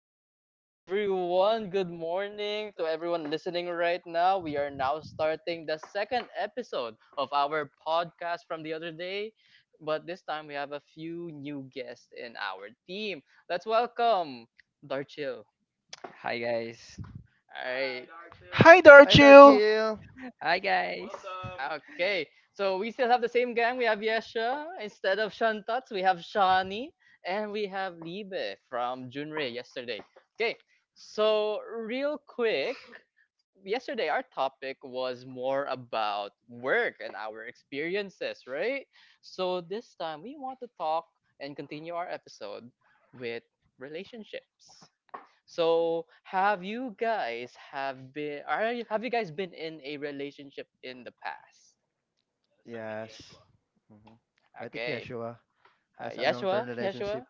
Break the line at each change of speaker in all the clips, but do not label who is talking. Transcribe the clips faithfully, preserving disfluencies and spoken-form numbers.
hello everyone. Good morning to everyone listening right now. We are now starting the second episode of our podcast from the other day, but this time we have a few new guests in our team. Let's welcome Darchil.
Hi guys.
All right.
Hi,
Hi,
Darchil.
Darchil.
Hi guys.
Okay, so we still have the same gang. We have Yesha instead of Shantots. We have Shani and we have Liebe from Junrei yesterday. Okay, so real quick, yesterday our topic was more about work and our experiences, right? So this time we want to talk and continue our episode with relationships. So have you guys have been are you- have you guys been in a relationship in the past?
Yes. hmm I think
Okay.
Yeshua
Uh,
has a
Yeshua,
long-term
Yeshua.
relationship.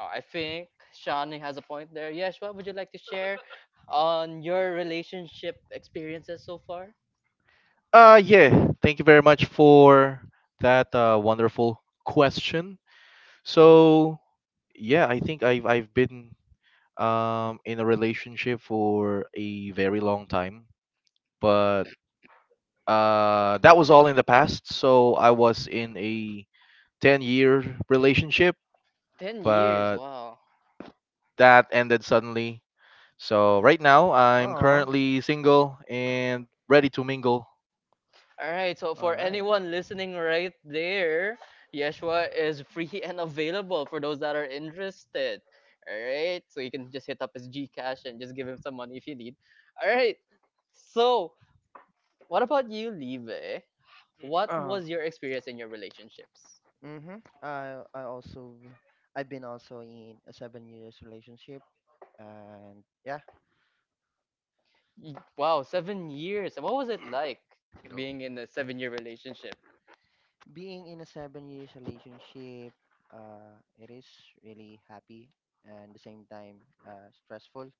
Oh, I think Shawnee has a point there. Yeshua, would you like to share on your relationship experiences so far?
Uh, yeah, thank you very much for that uh, wonderful question. So, yeah, I think I've I've been um in a relationship for a very long time, but uh that was all in the past. So I was in a ten-year relationship,
Ten years.
but
Wow.
that ended suddenly. So right now I'm
Oh,
currently single and ready to mingle.
All right, so
all
for
right.
anyone listening right there, Yeshua is free and available for those that are interested. All right, so you can just hit up his Gcash and just give him some money if you need. All right, so what about you, Live? What
Uh,
was your experience in your relationships?
mm-hmm. I I also I've been also in a seven years relationship, and yeah,
Y- Wow, seven years. What was it like
No.
being in a seven year relationship?
being in a seven years relationship, uh, it is really happy and the same time uh, stressful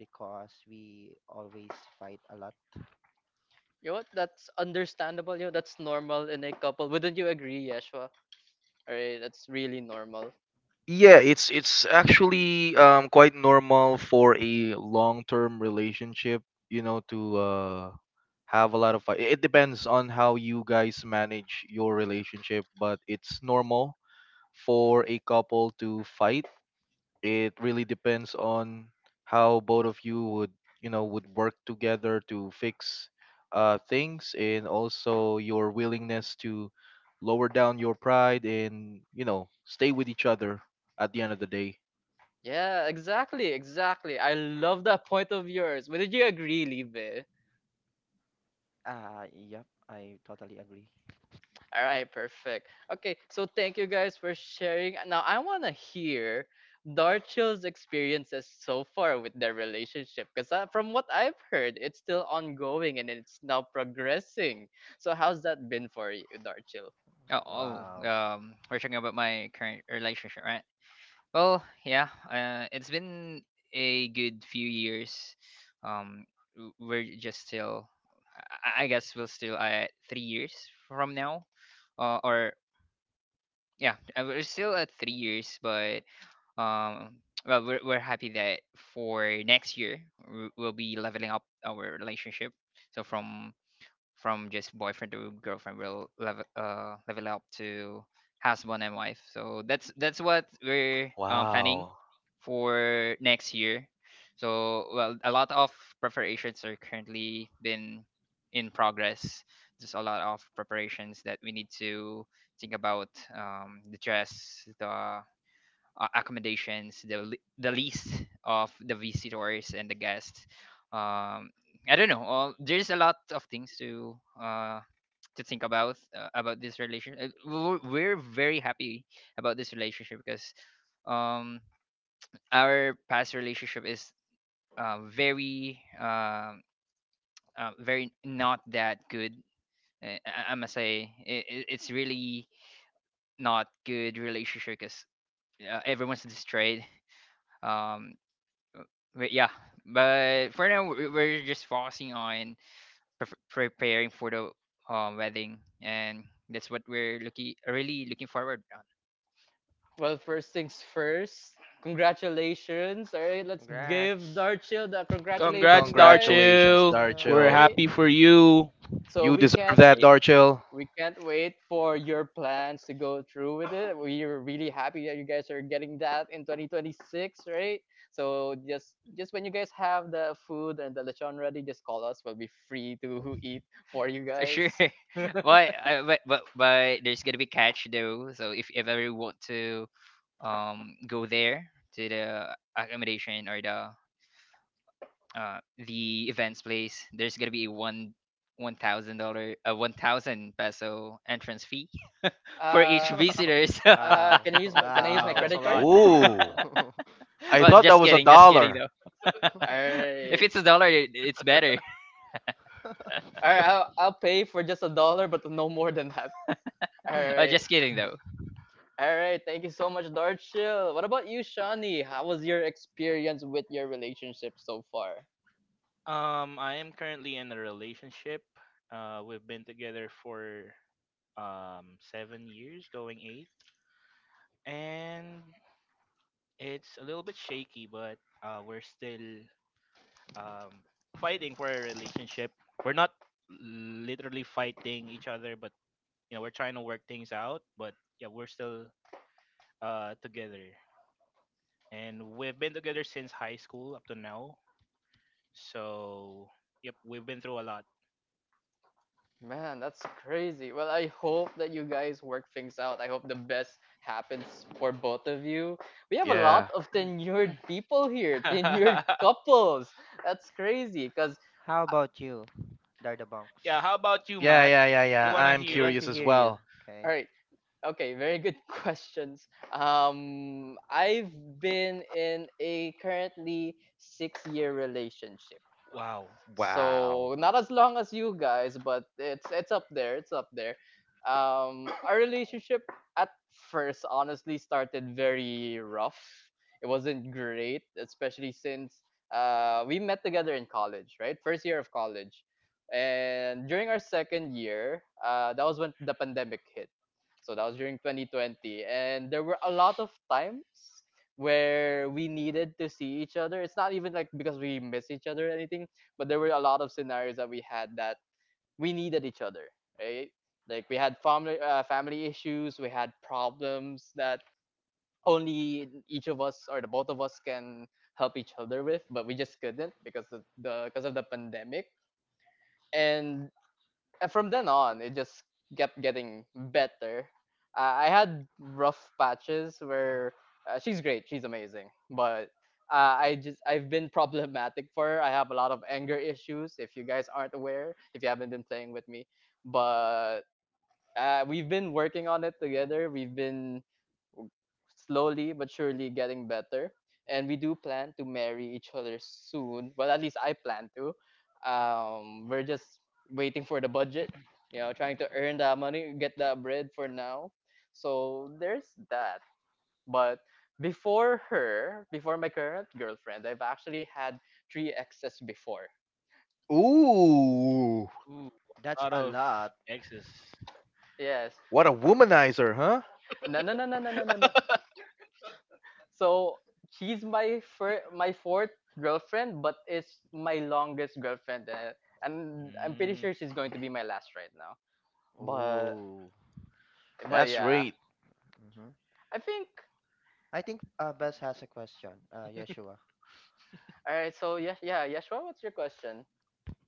because we always fight a lot.
You know what? That's understandable. You know, that's normal in a couple. Wouldn't you agree, Yeshua? All right, that's really normal.
Yeah, it's it's actually um quite normal for a long-term relationship, you know, to uh have a lot of fight. It depends on how you guys manage your relationship, but it's normal for a couple to fight. It really depends on how both of you would, you know, would work together to fix uh, things, and also your willingness to lower down your pride and, you know, stay with each other at the end of the day.
Yeah, exactly, exactly. I love that point of yours. Would you agree, Libe?
Ah, yep, I totally agree.
All right, perfect. Okay, so thank you guys for sharing. Now I wanna hear Darchill's experiences so far with their relationship, because uh, from what I've heard, it's still ongoing and it's now progressing. So how's that been for you, Darchill?
Oh, oh
Wow.
um we're talking about my current relationship, right? Well, yeah, uh, it's been a good few years. Um w- we're just still I I guess we'll still at three years from now. Uh, or yeah, uh, we're still at three years, but um well, we're we're happy that for next year we- we'll be leveling up our relationship. So from from just boyfriend to girlfriend will level uh level up to husband and wife. So that's that's what we're um, planning
Wow,
for next year. So, well, a lot of preparations are currently been in progress. There's a lot of preparations that we need to think about, um, the dress, the uh, accommodations, the li- the least of the visitors and the guests. Um, I don't know. All, there's a lot of things to uh, to think about, uh, about this relationship. We're, we're very happy about this relationship because um, our past relationship is uh, very um uh, very not that good. Uh, I, I must say it, it's really not good relationship because uh, everyone's destroyed. Um, But yeah, but for now we- we're just focusing on pre- preparing for the um, wedding, and that's what we're looking really looking forward on.
Well, first things first. Congratulations. All right, let's give
Congrats.
Darchill the congratulations,
Congrats,
guys.
congratulations,
Congrats
Darchu.
you.
We're
Darchil.
Right.
happy for you.
So
You
we
deserve
can.
that,
Eh,
not
Darchil.
We can't wait for your plans to go through with it. We're really happy that you guys are getting that in twenty twenty-six, right? So just just when you guys have the food and the lechon ready, just call us. We'll be free to eat for you
uh,
guys.
Sure, guys. Sure, but, uh, but but but there's gonna be catch though. So if you ever want to um go there to the accommodation or the uh the events place, there's gonna be a one one thousand dollars uh one thousand peso entrance fee for each
Uh,
visitors.
uh,
wow.
can I use my, can I use
Wow,
my
that's
Wow.
a
credit card?
lot.
Ooh, I
Well,
thought that
just
was a
kidding, just kidding
dollar.
though. If it's a
All
dollar,
right.
it- it's better.
All right, I'll, I'll pay for just a dollar, but no more than that. All
Uh,
right.
just kidding though.
All right, thank you so much, Darchill. What about you, Shani? How was your experience with your relationship so far?
Um, I am currently in a relationship. Uh, we've been together for um seven years, going eight, and it's a little bit shaky, but uh, we're still um fighting for a relationship. We're not literally fighting each other, but you know we're trying to work things out. But yeah, we're still uh together. And we've been together since high school up to now. So, yep, we've been through a lot.
Man, that's crazy. Well, I hope that you guys work things out. I hope the best happens for both of you. We have a
Yeah.
lot of tenured people here, tenured couples. That's crazy. Cause
How about you,
Yeah,
Dardabonks?
how about you,
Yeah,
Matt?
yeah, yeah,
We
yeah.
want
Yeah,
to
I'm
we
hear
want
it.
curious
to
as
hear you.
well.
all
Okay.
right, okay, very good questions. Um, I've been in a currently six-year relationship.
Wow.
Wow.
So not as long as you guys, but it's it's up there. It's up there. Um, our relationship at first honestly started very rough. It wasn't great, especially since uh, we met together in college, right? First year of college, and during our second year, uh, that was when the pandemic hit. So that was during twenty twenty, and there were a lot of times where we needed to see each other. It's not even like because we miss each other or anything, but there were a lot of scenarios that we had that we needed each other, right? Like we had family uh, family issues, we had problems that only each of us or the both of us can help each other with, but we just couldn't because of the because of the pandemic. And and from then on, it just kept getting better. Uh, I had rough patches where uh, she's great, she's amazing, but uh, I just I've been problematic for her. I have a lot of anger issues. If you guys aren't aware, if you haven't been playing with me, but uh, we've been working on it together. We've been slowly but surely getting better. And we do plan to marry each other soon. Well, at least I plan to. Um, we're just waiting for the budget, you know, trying to earn that money, get that bread for now. So there's that. But before her, before my current girlfriend, I've actually had three exes before.
Ooh,
Ooh, a
That's
lot
a
of
lot.
exes.
Yes.
what a womanizer, huh?
No, no, no, no, no, no, no, no. So she's my fir- my fourth girlfriend, but it's my longest girlfriend, uh, and I'm pretty
Mm,
sure she's going to be my last right now. But
Ooh.
but
That's
yeah,
great.
hmm
I think.
I think uh, Bess has a question. Uh, Yeshua.
All right. So yeah, yeah, Yashua, what's your question?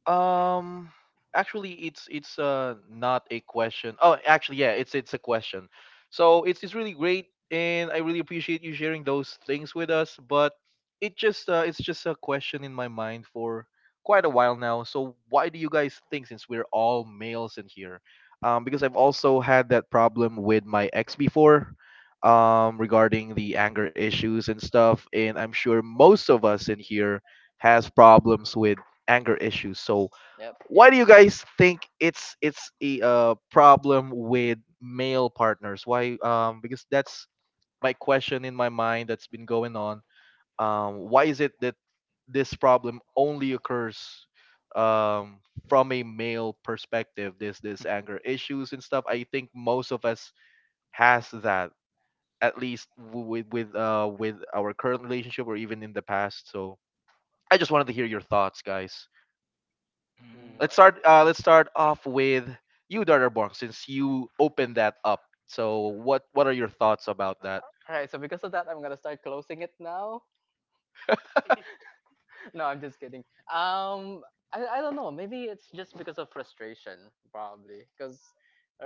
Um, actually, it's it's uh not a question. Oh, actually, yeah, it's it's a question. So it's it's really great, and I really appreciate you sharing those things with us. But it just uh, it's just a question in my mind for quite a while now. So why do you guys think, since we're all males in here? Um, because I've also had that problem with my ex before. Um, regarding the anger issues and stuff, and I'm sure most of us in here has problems with anger issues. So
Yep,
why
yep.
do you guys think it's it's a uh, problem with male partners? Why? Um, because that's my question in my mind that's been going on. Um, why is it that this problem only occurs um, from a male perspective? This this anger issues and stuff. I think most of us has that, at least w- with with uh with our current relationship or even in the past. So I just wanted to hear your thoughts, guys.
mm.
Ooh,
let
Let's
I-
start uh, let's start off with you, Darterborg, since you opened that up. So what what are your thoughts about that?
All right. So because of that, I'm gonna start closing it now. no, I'm just kidding. Um, I, I don't know. Maybe it's just because of frustration, probably. Because,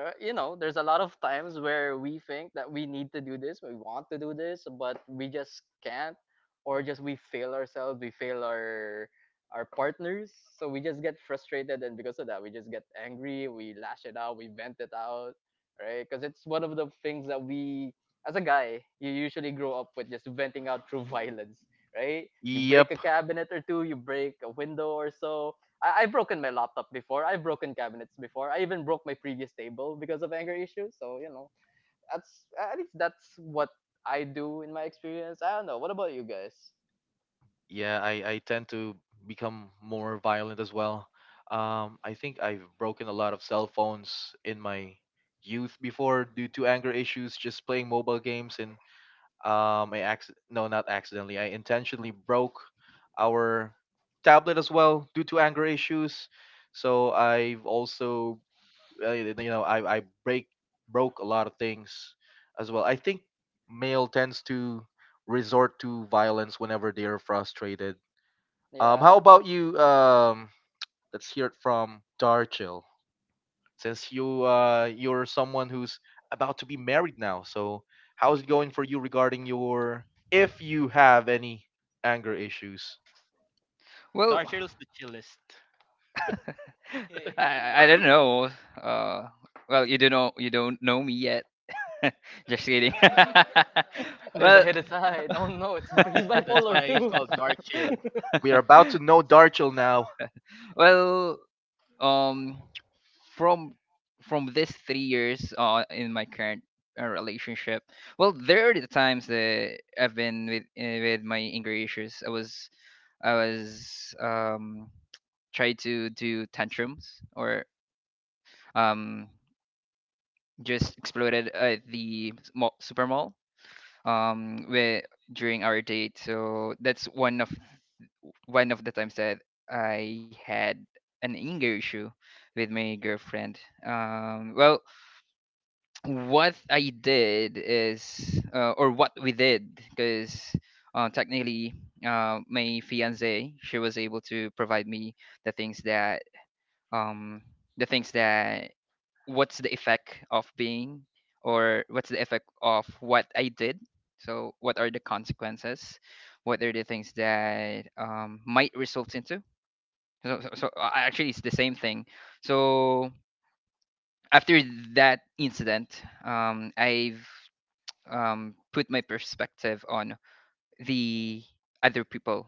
uh, you know, there's a lot of times where we think that we need to do this, we want to do this, but we just can't, or just we fail ourselves, we fail our our partners, so we just get frustrated, and because of that, we just get angry, we lash it out, we vent it out, right? Because it's one of the things that we, as a guy, you usually grow up with just venting out through violence, right? You
Yep.
break a cabinet or two, you break a window or so. I, I've broken my laptop before. I've broken cabinets before. I even broke my previous table because of anger issues. So you know, that's at least that's what I do in my experience. I don't know. What about you guys?
Yeah, i i tend to become more violent as well. um I think I've broken a lot of cell phones in my youth before due to anger issues, just playing mobile games. And Um, I acc- no, not accidentally. I intentionally broke our tablet as well due to anger issues. So I've also, uh, you know, I I break broke a lot of things as well. I think male tends to resort to violence whenever they are frustrated. Um, how
Yeah,
about you? Um, let's hear it from Darchil, since you uh you're someone who's about to be married now. So how's it going for you regarding your, if you have any anger issues?
Well,
Dark Chill's the chillest.
I, I don't know. Uh, well, you don't know you don't know me yet. Just kidding.
there's a
Well,
hidden side. Oh no, it's he's
That's why
bipolar
he's
too.
called Dark Chill.
We are about to know Darchel now.
well, um, from from this three years uh, in my current uh, relationship. Well, there are the times that I've been with uh, with my anger issues. I was i was um tried to do tantrums or um just exploded at the s- mall, super mall um with, during our date. So that's one of one of the times that I had an anger issue with my girlfriend. um well what I did is, uh, or what we did, because uh, technically, uh, my fiance she was able to provide me the things that, um, the things that, what's the effect of being, or what's the effect of what I did. So, what are the consequences? What are the things that um, might result into? So, so, so uh, actually, it's the same thing. So, after that incident, um, I've um, put my perspective on the other people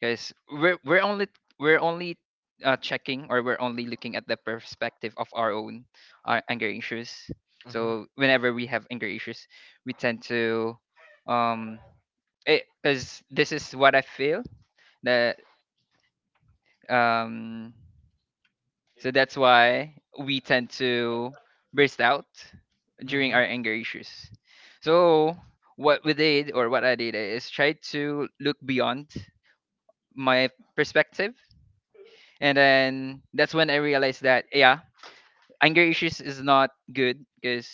because we're we're only we're only uh, checking, or we're only looking at the perspective of our own uh, anger issues.
Mhm.
So whenever we have anger issues, we tend to, um because this is what I feel that, um so that's why we tend to burst out during our
Mhm.
anger issues. So what we did, or what I did, is try to look beyond my perspective. And then that's when I realized that, yeah, anger issues is not good because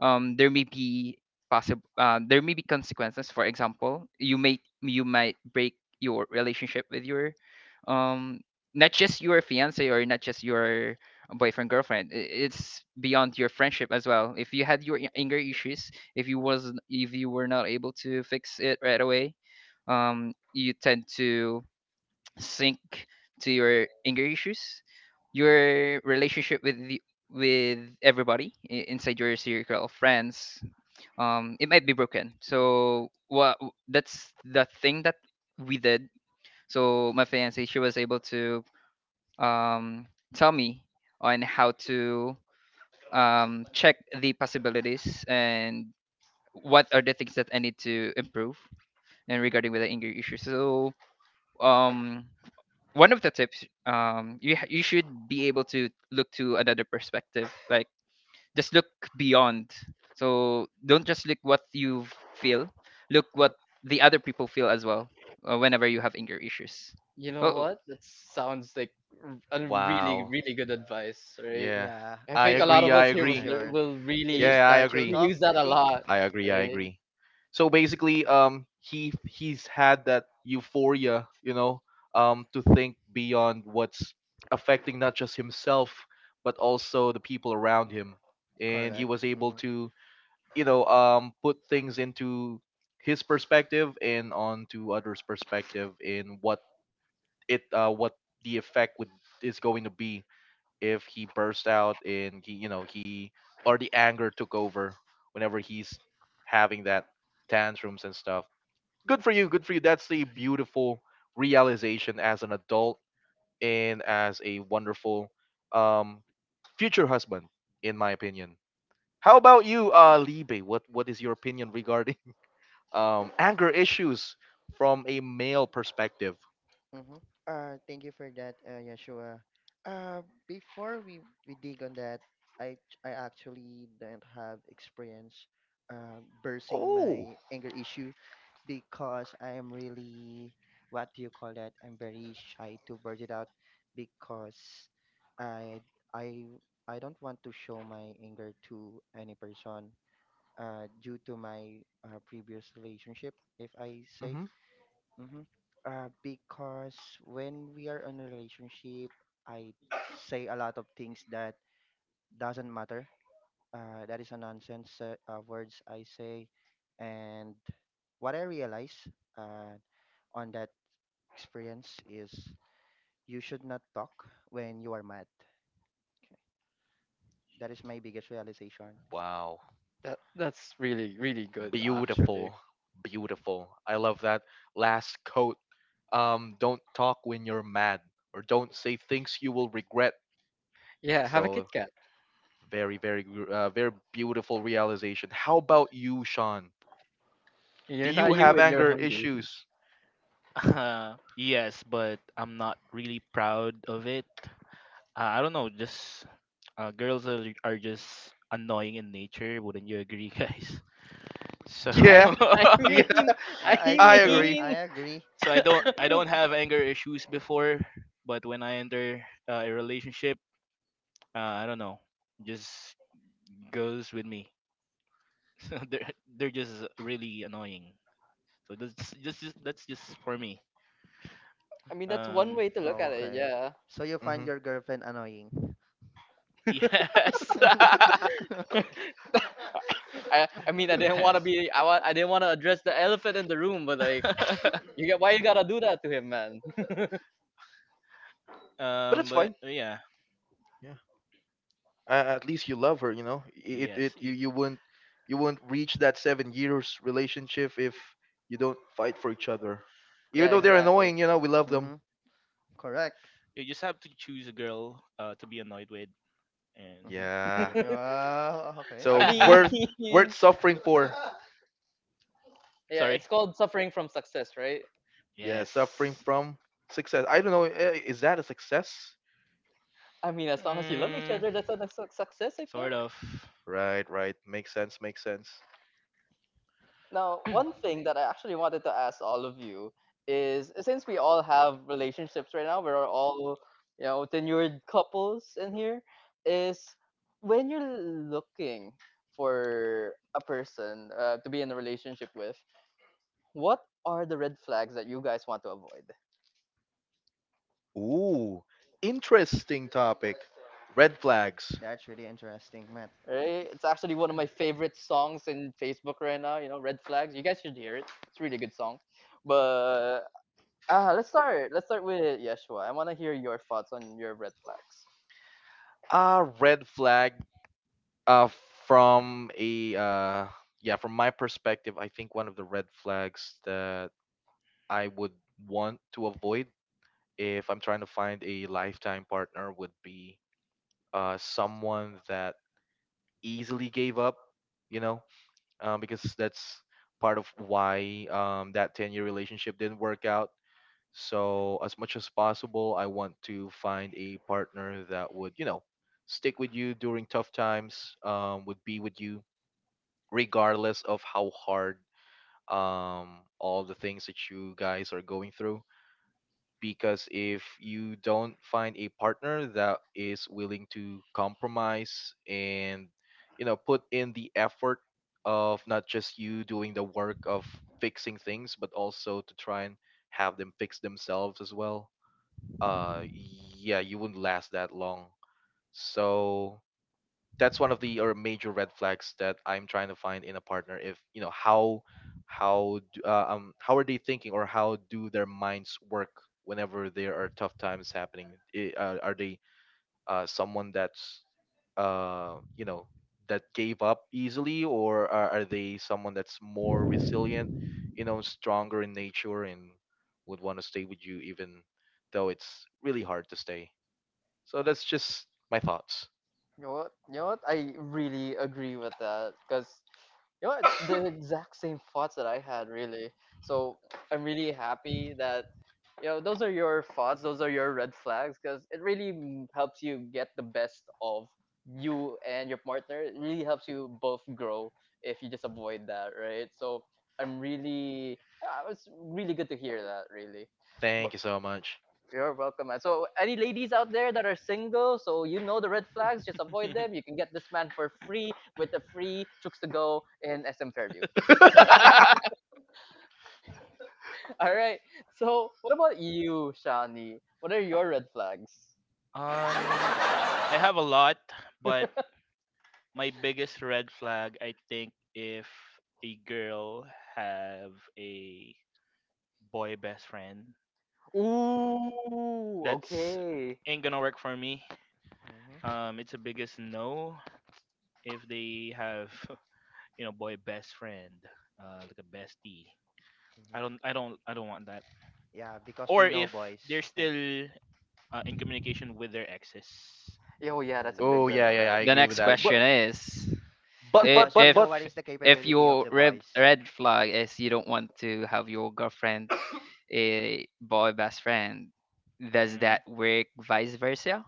um there may be possible uh, there may be consequences. For example, you may you might break your relationship with your, um not just your fiance, or not just your boyfriend girlfriend. I- it's beyond your friendship as well if you had your i- anger issues. If you was if you were not able to fix it right away, um you tend to sync to your anger issues, your relationship with the with everybody i- inside your circle of friends, um it might be broken. So what that's the thing that we did. So my fiance she was able to um tell me on how to um check the possibilities and what are the things that I need to improve, and regarding with the anger issue. So um one of the tips: um you ha- you should be able to look to another perspective, like just look beyond. So don't just look what you feel, look what the other people feel as well, uh, whenever you have anger issues.
You know
Oh,
what? That sounds like r- a really,
Wow.
really good advice, right?
Yeah.
Yeah,
I
I
I
think a
think
lot
agree.
of
I
us here will
this is
agree.
lear-
your.
will
It
really
is
Yeah, I
Darchil
agree.
talk,
use that
I
a
think.
lot,
I agree. I
right?
Mm-hmm.
agree. So basically, um, he he's had that euphoria, you know, um, to think beyond what's affecting not just himself but also the people around him, and he
Correct.
was able
Mm-hmm.
to, you know, um, put things into his perspective and onto others' perspective in what it uh, what the effect would, is going to be if he burst out and he, you know, he or the anger took over whenever he's having that tantrums and stuff. Good for you, good for you. That's a beautiful realization as an adult and as a wonderful um, future husband, in my opinion. How about you uh Libe? What what is your opinion regarding um anger issues from a male perspective?
Mm-hmm. Uh, thank you for that, uh, Yeshua. Uh, before we, we dig on that, I I actually don't have experience uh, bursting
Oh.
my anger issue because I am really what do you call that? I'm very shy to burst it out because I I I don't want to show my anger to any person uh, due to my uh, previous relationship, if I say.
Hmm.
Mm-hmm. Uh, because when we are in a relationship, I say a lot of things that doesn't matter. Uh, that is a nonsense uh, uh, words I say, and what I realize uh, on that experience is you should not talk when you are mad. Okay. That is my biggest realization.
Wow.
That that's really really good actually.
Beautiful. Beautiful. I love that last quote. Um, don't talk when you're mad, or don't say things you will regret.
Yeah, have a
So
Kit Kat.
very, very, gr- uh, very beautiful realization. How about you, Sean? Do
You're
you
not you
have
when you're
anger
hungry.
issues?
Uh, yes, but I'm not really proud of it. Uh, I don't know, just uh, girls are, are just annoying in nature. Wouldn't you agree, guys? So.
I'm
Yeah,
I
yeah,
Correct.
mean I
Uh, I
I
think so.
agree.
I
mean
agree.
so I don't I don't have anger issues before, but when I enter uh, a relationship, uh, I don't know, just goes with me. So they're they're just really annoying. So that's just, that's just that's just for me.
I mean that's one
Um,
way to look at
Oh,
it.
okay.
Yeah.
So you find
Hmm.
your girlfriend annoying.
yes,
I I mean I didn't want
yes.
to be I wa- I didn't want to address the elephant in the room, but like you get why you gotta do that to him, man.
But
Um,
it's
but
fine.
yeah,
Yeah, uh, at least you love her. You know, I- it
yes.
it you
y-
you wouldn't, you wouldn't reach that seven years relationship if you don't fight for each other. Even
yeah,
though they're
Correct.
exactly.
annoying, you know, we love them.
Mm-hmm. Correct.
You just have to choose a girl uh, to be annoyed with, and
Yeah.
Mm-hmm. Yeah, okay.
I
So
mean
yep.
worth worth suffering for.
yeah,
Sorry.
it's called suffering from success, right?
Yeah, suffering
Yes.
from success. I don't know. eh, Is that a success?
I mean, as long as you love each
Mm,
other, that's a that's a success, I think.
sort of.
Right, right. Makes sense. Makes sense.
Now, one thing that I actually wanted to ask all of you is since we all have relationships right now, we're all, you know, tenured couples in here, is when you're looking for a person uh, to be in a relationship with, what are the red flags that you guys want to avoid?
Ooh, interesting topic. Red flags.
That's really interesting, Matt.
Right? It's actually one of my favorite songs in Facebook right now, you know, Red Flags. You guys should hear it. It's a really good song. But Ah, let's start. Let's start with Yeshua. I want to hear your thoughts on your red flags.
Uh, red flag. Uh, from a uh, yeah, from my perspective, I think one of the red flags that I would want to avoid if I'm trying to find a lifetime partner would be uh, someone that easily gave up, you know, um, because that's part of why um, that ten year relationship didn't work out. So, as much as possible, I want to find a partner that would, you know, stick with you during tough times, um, would be with you regardless of how hard, um, all the things that you guys are going through. Because if you don't find a partner that is willing to compromise and, you know, put in the effort of not just you doing the work of fixing things, but also to try and have them fix themselves as well, uh yeah, you wouldn't last that long. So that's one of the, or major red flags that I'm trying to find in a partner. If you know how, how d- uh, um how are they thinking, or how do their minds work whenever there are tough times happening? I- uh, are they uh, someone that's, uh you know that gave up easily, or are, are they someone that's more resilient, you know, stronger in nature, and would want to stay with you even though it's really hard to stay. So that's just my thoughts.
You know what? You know what? I really agree with that because you know it's the exact same thoughts that I had really. So I'm really happy that you know those are your thoughts. Those are your red flags because it really m- helps you get the best of you and your partner. It really helps you both grow if you just avoid that, right? So I'm really. Uh, it's really good to hear that. Really.
Thank you so much.
You're welcome, man. So, any ladies out there that are single, so you know the red flags, just avoid them. You can get this man for free with the free Chooks to Go in S M Fairview. All right. So, what about you, Shani? What are your red flags?
um, I have a lot, but my biggest red flag, I think, if a girl have a boy best friend,
Ooh,
that's
okay.
ain't gonna work for me.
Mm-hmm.
Um it's a biggest no if they have you know boy best friend, uh like a bestie. i don't
Mm-hmm.
i don't i don't want that.
Yeah, because we
Or
know
if
boys.
they're
Okay.
still uh, in communication with their exes.
Yo, yeah, that's a big
Oh
Ooh.
red
So
yeah, yeah, yeah,
flag.
I
the
agree
That's
with
next
a
that.
big
But
question
one.
is,
but
i-
but
Because
but
we
if
know
but
what is the
if
capability of
your
the
red
boys.
red flag is you don't want to have your girlfriend a boy best friend, does
mhm.
that work vice versa?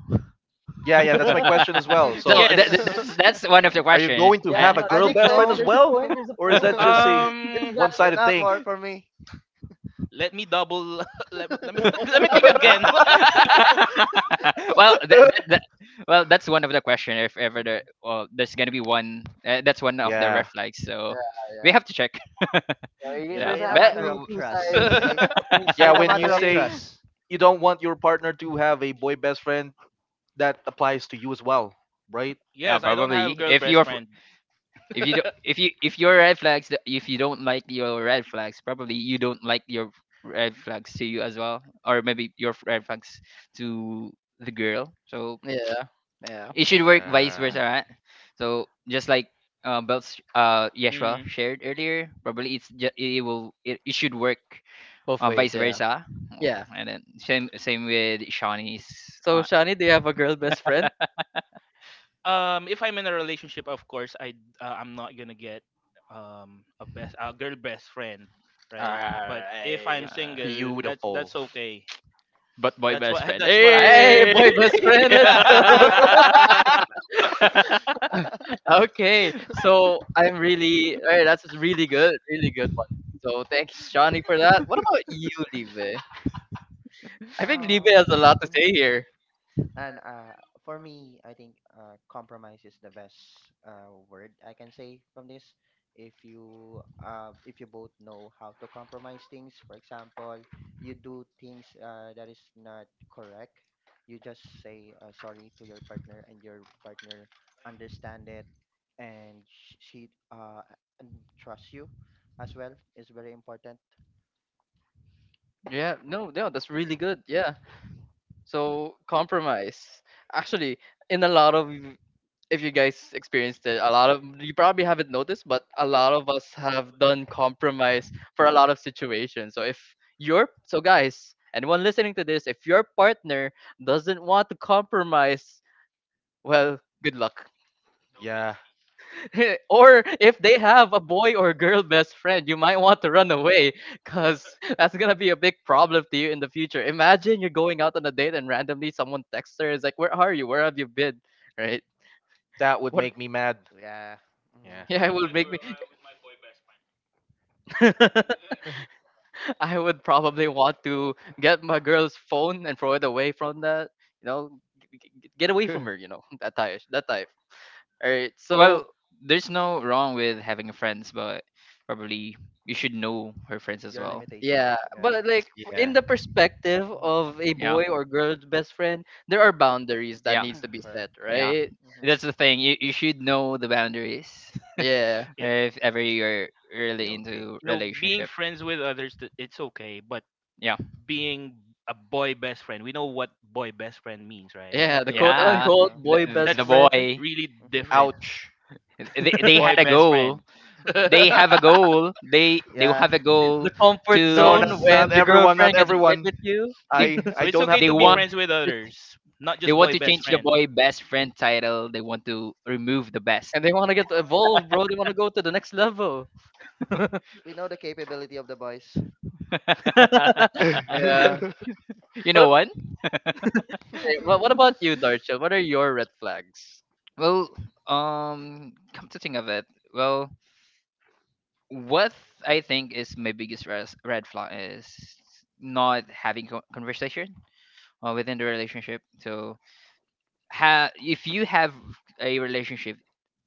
yeah, yeah, that's my question as well. So,
So that, that-
Yes.
that's that's one of the
are you
question.
going to
Uh,
yeah,
have a
no,
I
that
girl
makes
think
best
sense.
friend
no.
as
There's a
well,
point. There's a
or is
point.
that just a
It's
Um,
that.
it
one-sided
not
thing?
work for me.
Let me double. Let, me- let me let me think again.
well, that, that, that, well, that's one of the question. If ever there,
Mm.
well, there's gonna be one. Uh, that's one of the red
yeah,
flags. So
Yeah,
we
yeah.
have to check.
yeah you-
So
Yeah,
there's
it's a
has to
but
matter
be
of
two
trust,
sides
okay?
in each
So
yeah.
it's a
coin,
When you
matter of
right?
say
trust.
you don't want your partner to have a boy best friend, that applies to you as well, right?
yeah,
Yes, I don't have
probably
girl
if
best
you're fr-
friend.
if you do, if you if your red flags th- if you don't like your red flags, probably you don't like your red flags to you as well, or maybe your red flags to the girl. So
Yeah, yeah.
it should work vice
Uh,
versa, right? So just like uh, Belts, uh Yeshua
Mhm.
shared earlier, probably it's ju- it will it, it should work,
Both
uh,
ways,
vice
yeah.
versa. Uh,
Yeah.
and then same same with Shawnee's.
So,
Uh,
Shani, do you have a girl best friend?
Um, if I'm in a relationship, of course, I uh, I'm not gonna get um a best a girl best friend, right? But if I'm
Alright.
uh,
single, that's
beautiful.
that's okay.
but boy
That's
best
what
friend.
that's what I'm
Hey,
Hey!
saying.
boy best friend, let's go. Okay, so I'm really, alright, that's really good, really good one. So thanks, Johnny, for that. What about you, Libe? I think Libe has a lot to
Mhm.
say here.
And uh, for me, I think uh, compromise is the best uh, word I can say from this. If you uh, if you both know how to compromise things, for example, you do things uh, that is not correct, you just say uh, sorry to your partner, and your partner understand it, and sh- she uh, and trust you as well is very important.
Yeah, no, no, that's really good. Yeah. So compromise. Actually, in a lot of if you guys experienced it, a lot of you probably haven't noticed, but a lot of us have done compromise for a lot of situations. So if your so guys, anyone listening to this, if your partner doesn't want to compromise, well, good luck.
Yeah,
or if they have a boy or girl best friend, you might want to run away because that's gonna be a big problem to you in the future. Imagine you're going out on a date and randomly someone texts her, is like, "Where are you? Where have you been?" Right?
that would
What?
make me mad.
Yeah.
Yeah.
Yeah, it
hmm
will make me. I would probably want to get my girl's phone and throw it away from that. You know, g- g- g- get away from her. You know, that type. That type. All right. So
Well, there's no wrong with having a friends, but probably you should know her friends as
Your
well.
limitation.
yeah,
Yeah.
but like in
yeah.
the
Mm-hmm.
perspective of a
Yeah.
boy or girl's best friend, there are boundaries that
Yeah.
needs to be set,
Correct.
Yeah.
right?
Hmm
That's the thing. You you should know the boundaries.
Yeah.
it,
If ever you're really
Guilty.
into
you know, Being
relationship.
friends with others, th- it's okay. But
Yeah.
being a boy best friend. We know what boy best friend means, right?
Can
Yeah, the
do,
quote
yeah.
Yeah.
unquote
Well.
The,
boy
the
best
the
That's
friend,
boy
really
Hmm
different.
Ouch.
they, they had
Boy
a
best
goal.
friend. Yes.
They have a goal. They they
yeah.
have a
the
goal
comfort
to
No, not
zone when
not
your
everyone, not
girlfriend gets a
you.
fight
everyone.
with you
They
I
So
I
it's
don't have
okay
they
to be
want
all.
friends with others, not
they
just
want
boy
to
best
change the
friend.
boy
Mhm.
best friend title. They want to remove the best.
and they want to get evolved, bro. They want to go to the next level.
We know the capability of the boys.
Yeah.
I
Mhm.
Yeah.
You know
But
what?
Hey, What what about you, Darshil? What are your red flags?
Well, um, come to think of it, well, what I think is my biggest res- red flag is not having co- conversation uh, within the relationship. So, ha- if you have a relationship,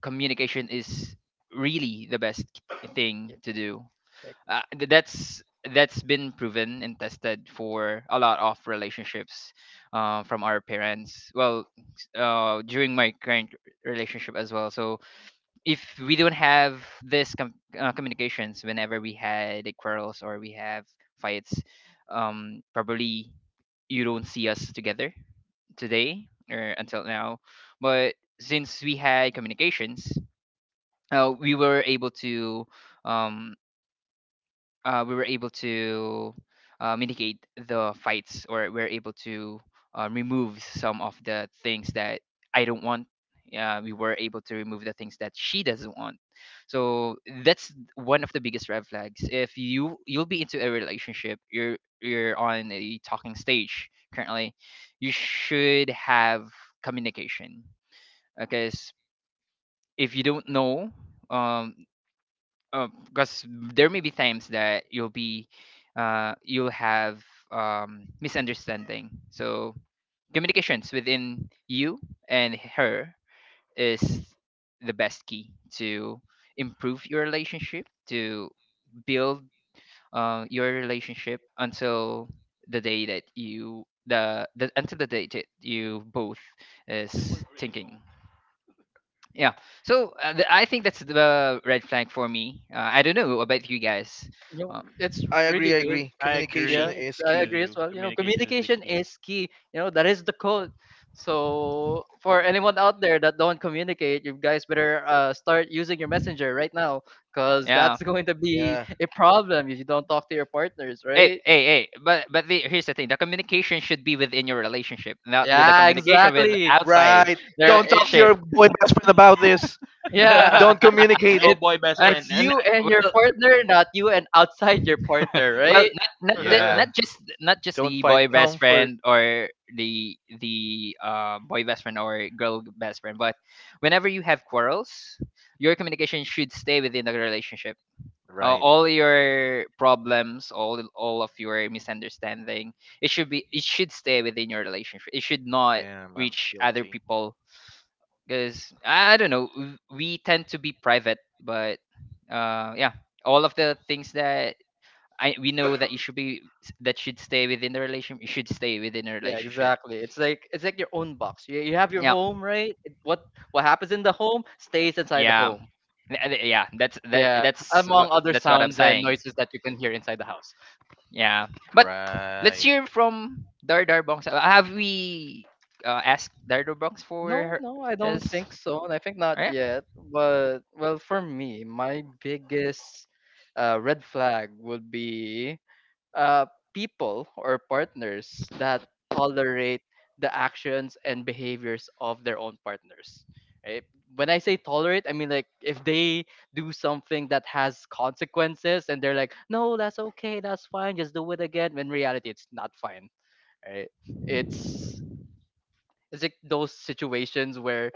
communication is really the best thing
Yeah,
to do.
like,
Uh, th- that's that's been proven and tested for a lot of relationships, uh, from our parents. Well s- uh, during my current r- relationship as well. So if we don't have this com- uh, communications whenever we had, like, quarrels or we have fights, um, probably you don't see us together today or until now. But since we had communications, uh, we were able to um, uh, we were able to uh, mitigate the fights, or we're able to uh, remove some of the things that I don't want. Uh, we were able to remove the things that she doesn't want. So that's one of the biggest red flags. If you you'll be into a relationship, you're you're on a talking stage currently, you should have communication, because if you don't know, um because there may be times that you'll be uh you'll have um misunderstanding. So communications within you and her is the best key to improve your relationship, to build uh, your relationship until the day that you the, the until the day that you both is thinking. Yeah. So uh, th- I think that's the red flag for me. Uh, I don't know about you guys.
you know,
Uh,
it's really
agree. I
good.
agree.
I
Communication
Yeah,
agree
it's-
is
I
with
key.
agree as
you.
well. You know,
Communication is the
communication is key. You know, that is the code. So for anyone out there that don't communicate, you guys better uh, start using your messenger right now, because
yeah.
that's going to be
Yeah.
a problem if you don't talk to your partners,
Hey,
right?
hey, hey! But but the, here's the thing: the communication should be within your relationship, not with the
Yeah,
communication with
exactly.
outside
Right.
the
Yeah,
Don't talk to
it's
relationship.
your boy best friend about this.
yeah,
Don't communicate.
no
it's
boy best
Uh,
friend.
it's
n- n-
you and your
well,
partner, not you and outside your partner,
Well,
right?
not not the,
Yeah.
not just not just
Don't
the
find
boy best
comfort.
friend, or the the uh, boy best friend or girl best friend, but whenever you have quarrels, your communication should stay within the relationship. Uh,
Right.
all your problems, all all of your misunderstanding, it should be it should stay within your relationship. It should not
Damn, I'm
reach other
guilty.
people because, I don't know, w- we tend to be private, but uh, yeah, all of the things that I we know that, you should be that should stay within the relation. You should stay within a
Yeah,
relationship.
exactly. It's like it's like your own box. You, you have your
Yeah,
home, right? It- What what happens in the home stays inside the
yeah.
home.
Th- th- yeah. That's that.
Yeah,
That's
among
what
other
that's what I'm
sounds and
saying.
noises that you can hear inside the house.
Yeah, but let's
Right.
hear from Dar Dar Bongs. Uh, Have we uh, asked Dar Dar Bongs for
No,
her?
no, I don't
This?
think so, and I think not
Oh, yeah.
yet. But well, for me, my biggest uh, red flag would be uh, people or partners that tolerate the actions and behaviors of their own partners. Right? When I say tolerate, I mean like if they do something that has consequences and they're like, no, that's okay, that's fine, just do it again. When in reality, it's not fine. Right? It's it's like those situations where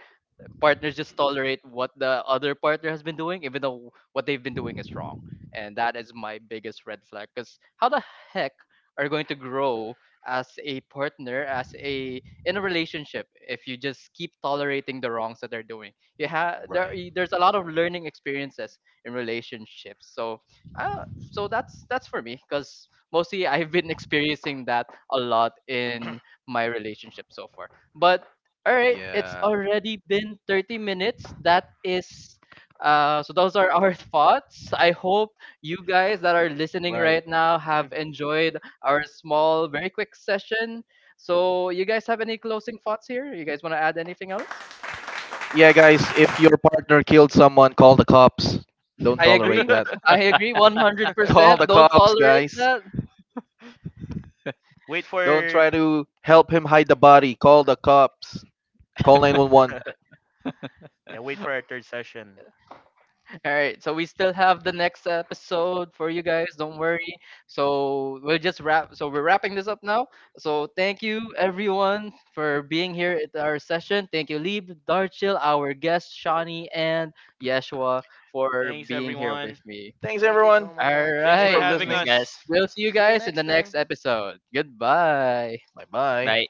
partners just tolerate what the other partner has been doing, even though what they've been doing is wrong. And that is my biggest red flag. Because how the heck are you going to grow as a partner, as a in a relationship, if you just keep tolerating the wrongs that they're doing? You have there.
Right.
Y- There's a lot of learning experiences in relationships. So, uh, so that's that's for me. Because mostly I've been experiencing that a lot in my relationship so far. But all right, it's
Yeah.
already been thirty minutes. That is, uh, so those are our thoughts. I hope you guys that are listening
Right.
right now have enjoyed our small, very quick session. So, you guys have any closing thoughts here? You guys want to add anything else?
Yeah, guys, if your partner killed someone, call the cops. Don't
I
tolerate
agree.
that.
I agree
Call
one hundred percent.
the
Don't
cops,
tolerate
guys.
that.
wait
Don't
for
try to help him hide the body. Call the cops. Call nine one one.
Yeah, wait for our third session.
All right, so we still have the next episode for you guys. Don't worry. So we'll just wrap. So we're wrapping this up now. So thank you everyone for being here at our session. Thank you, Lieb, Darchil, our guest Shawnee, and Yeshua for
Thanks
being here
everyone.
with me.
Thanks,
Thank you so
everyone.
All
much,
Thanks
Thanks
for
for
right,
having
everyone.
Thanks,
listening.
us.
guys.
we'll see you
See you
guys in
next
the next
time.
episode. Goodbye.
Bye bye.
Bye.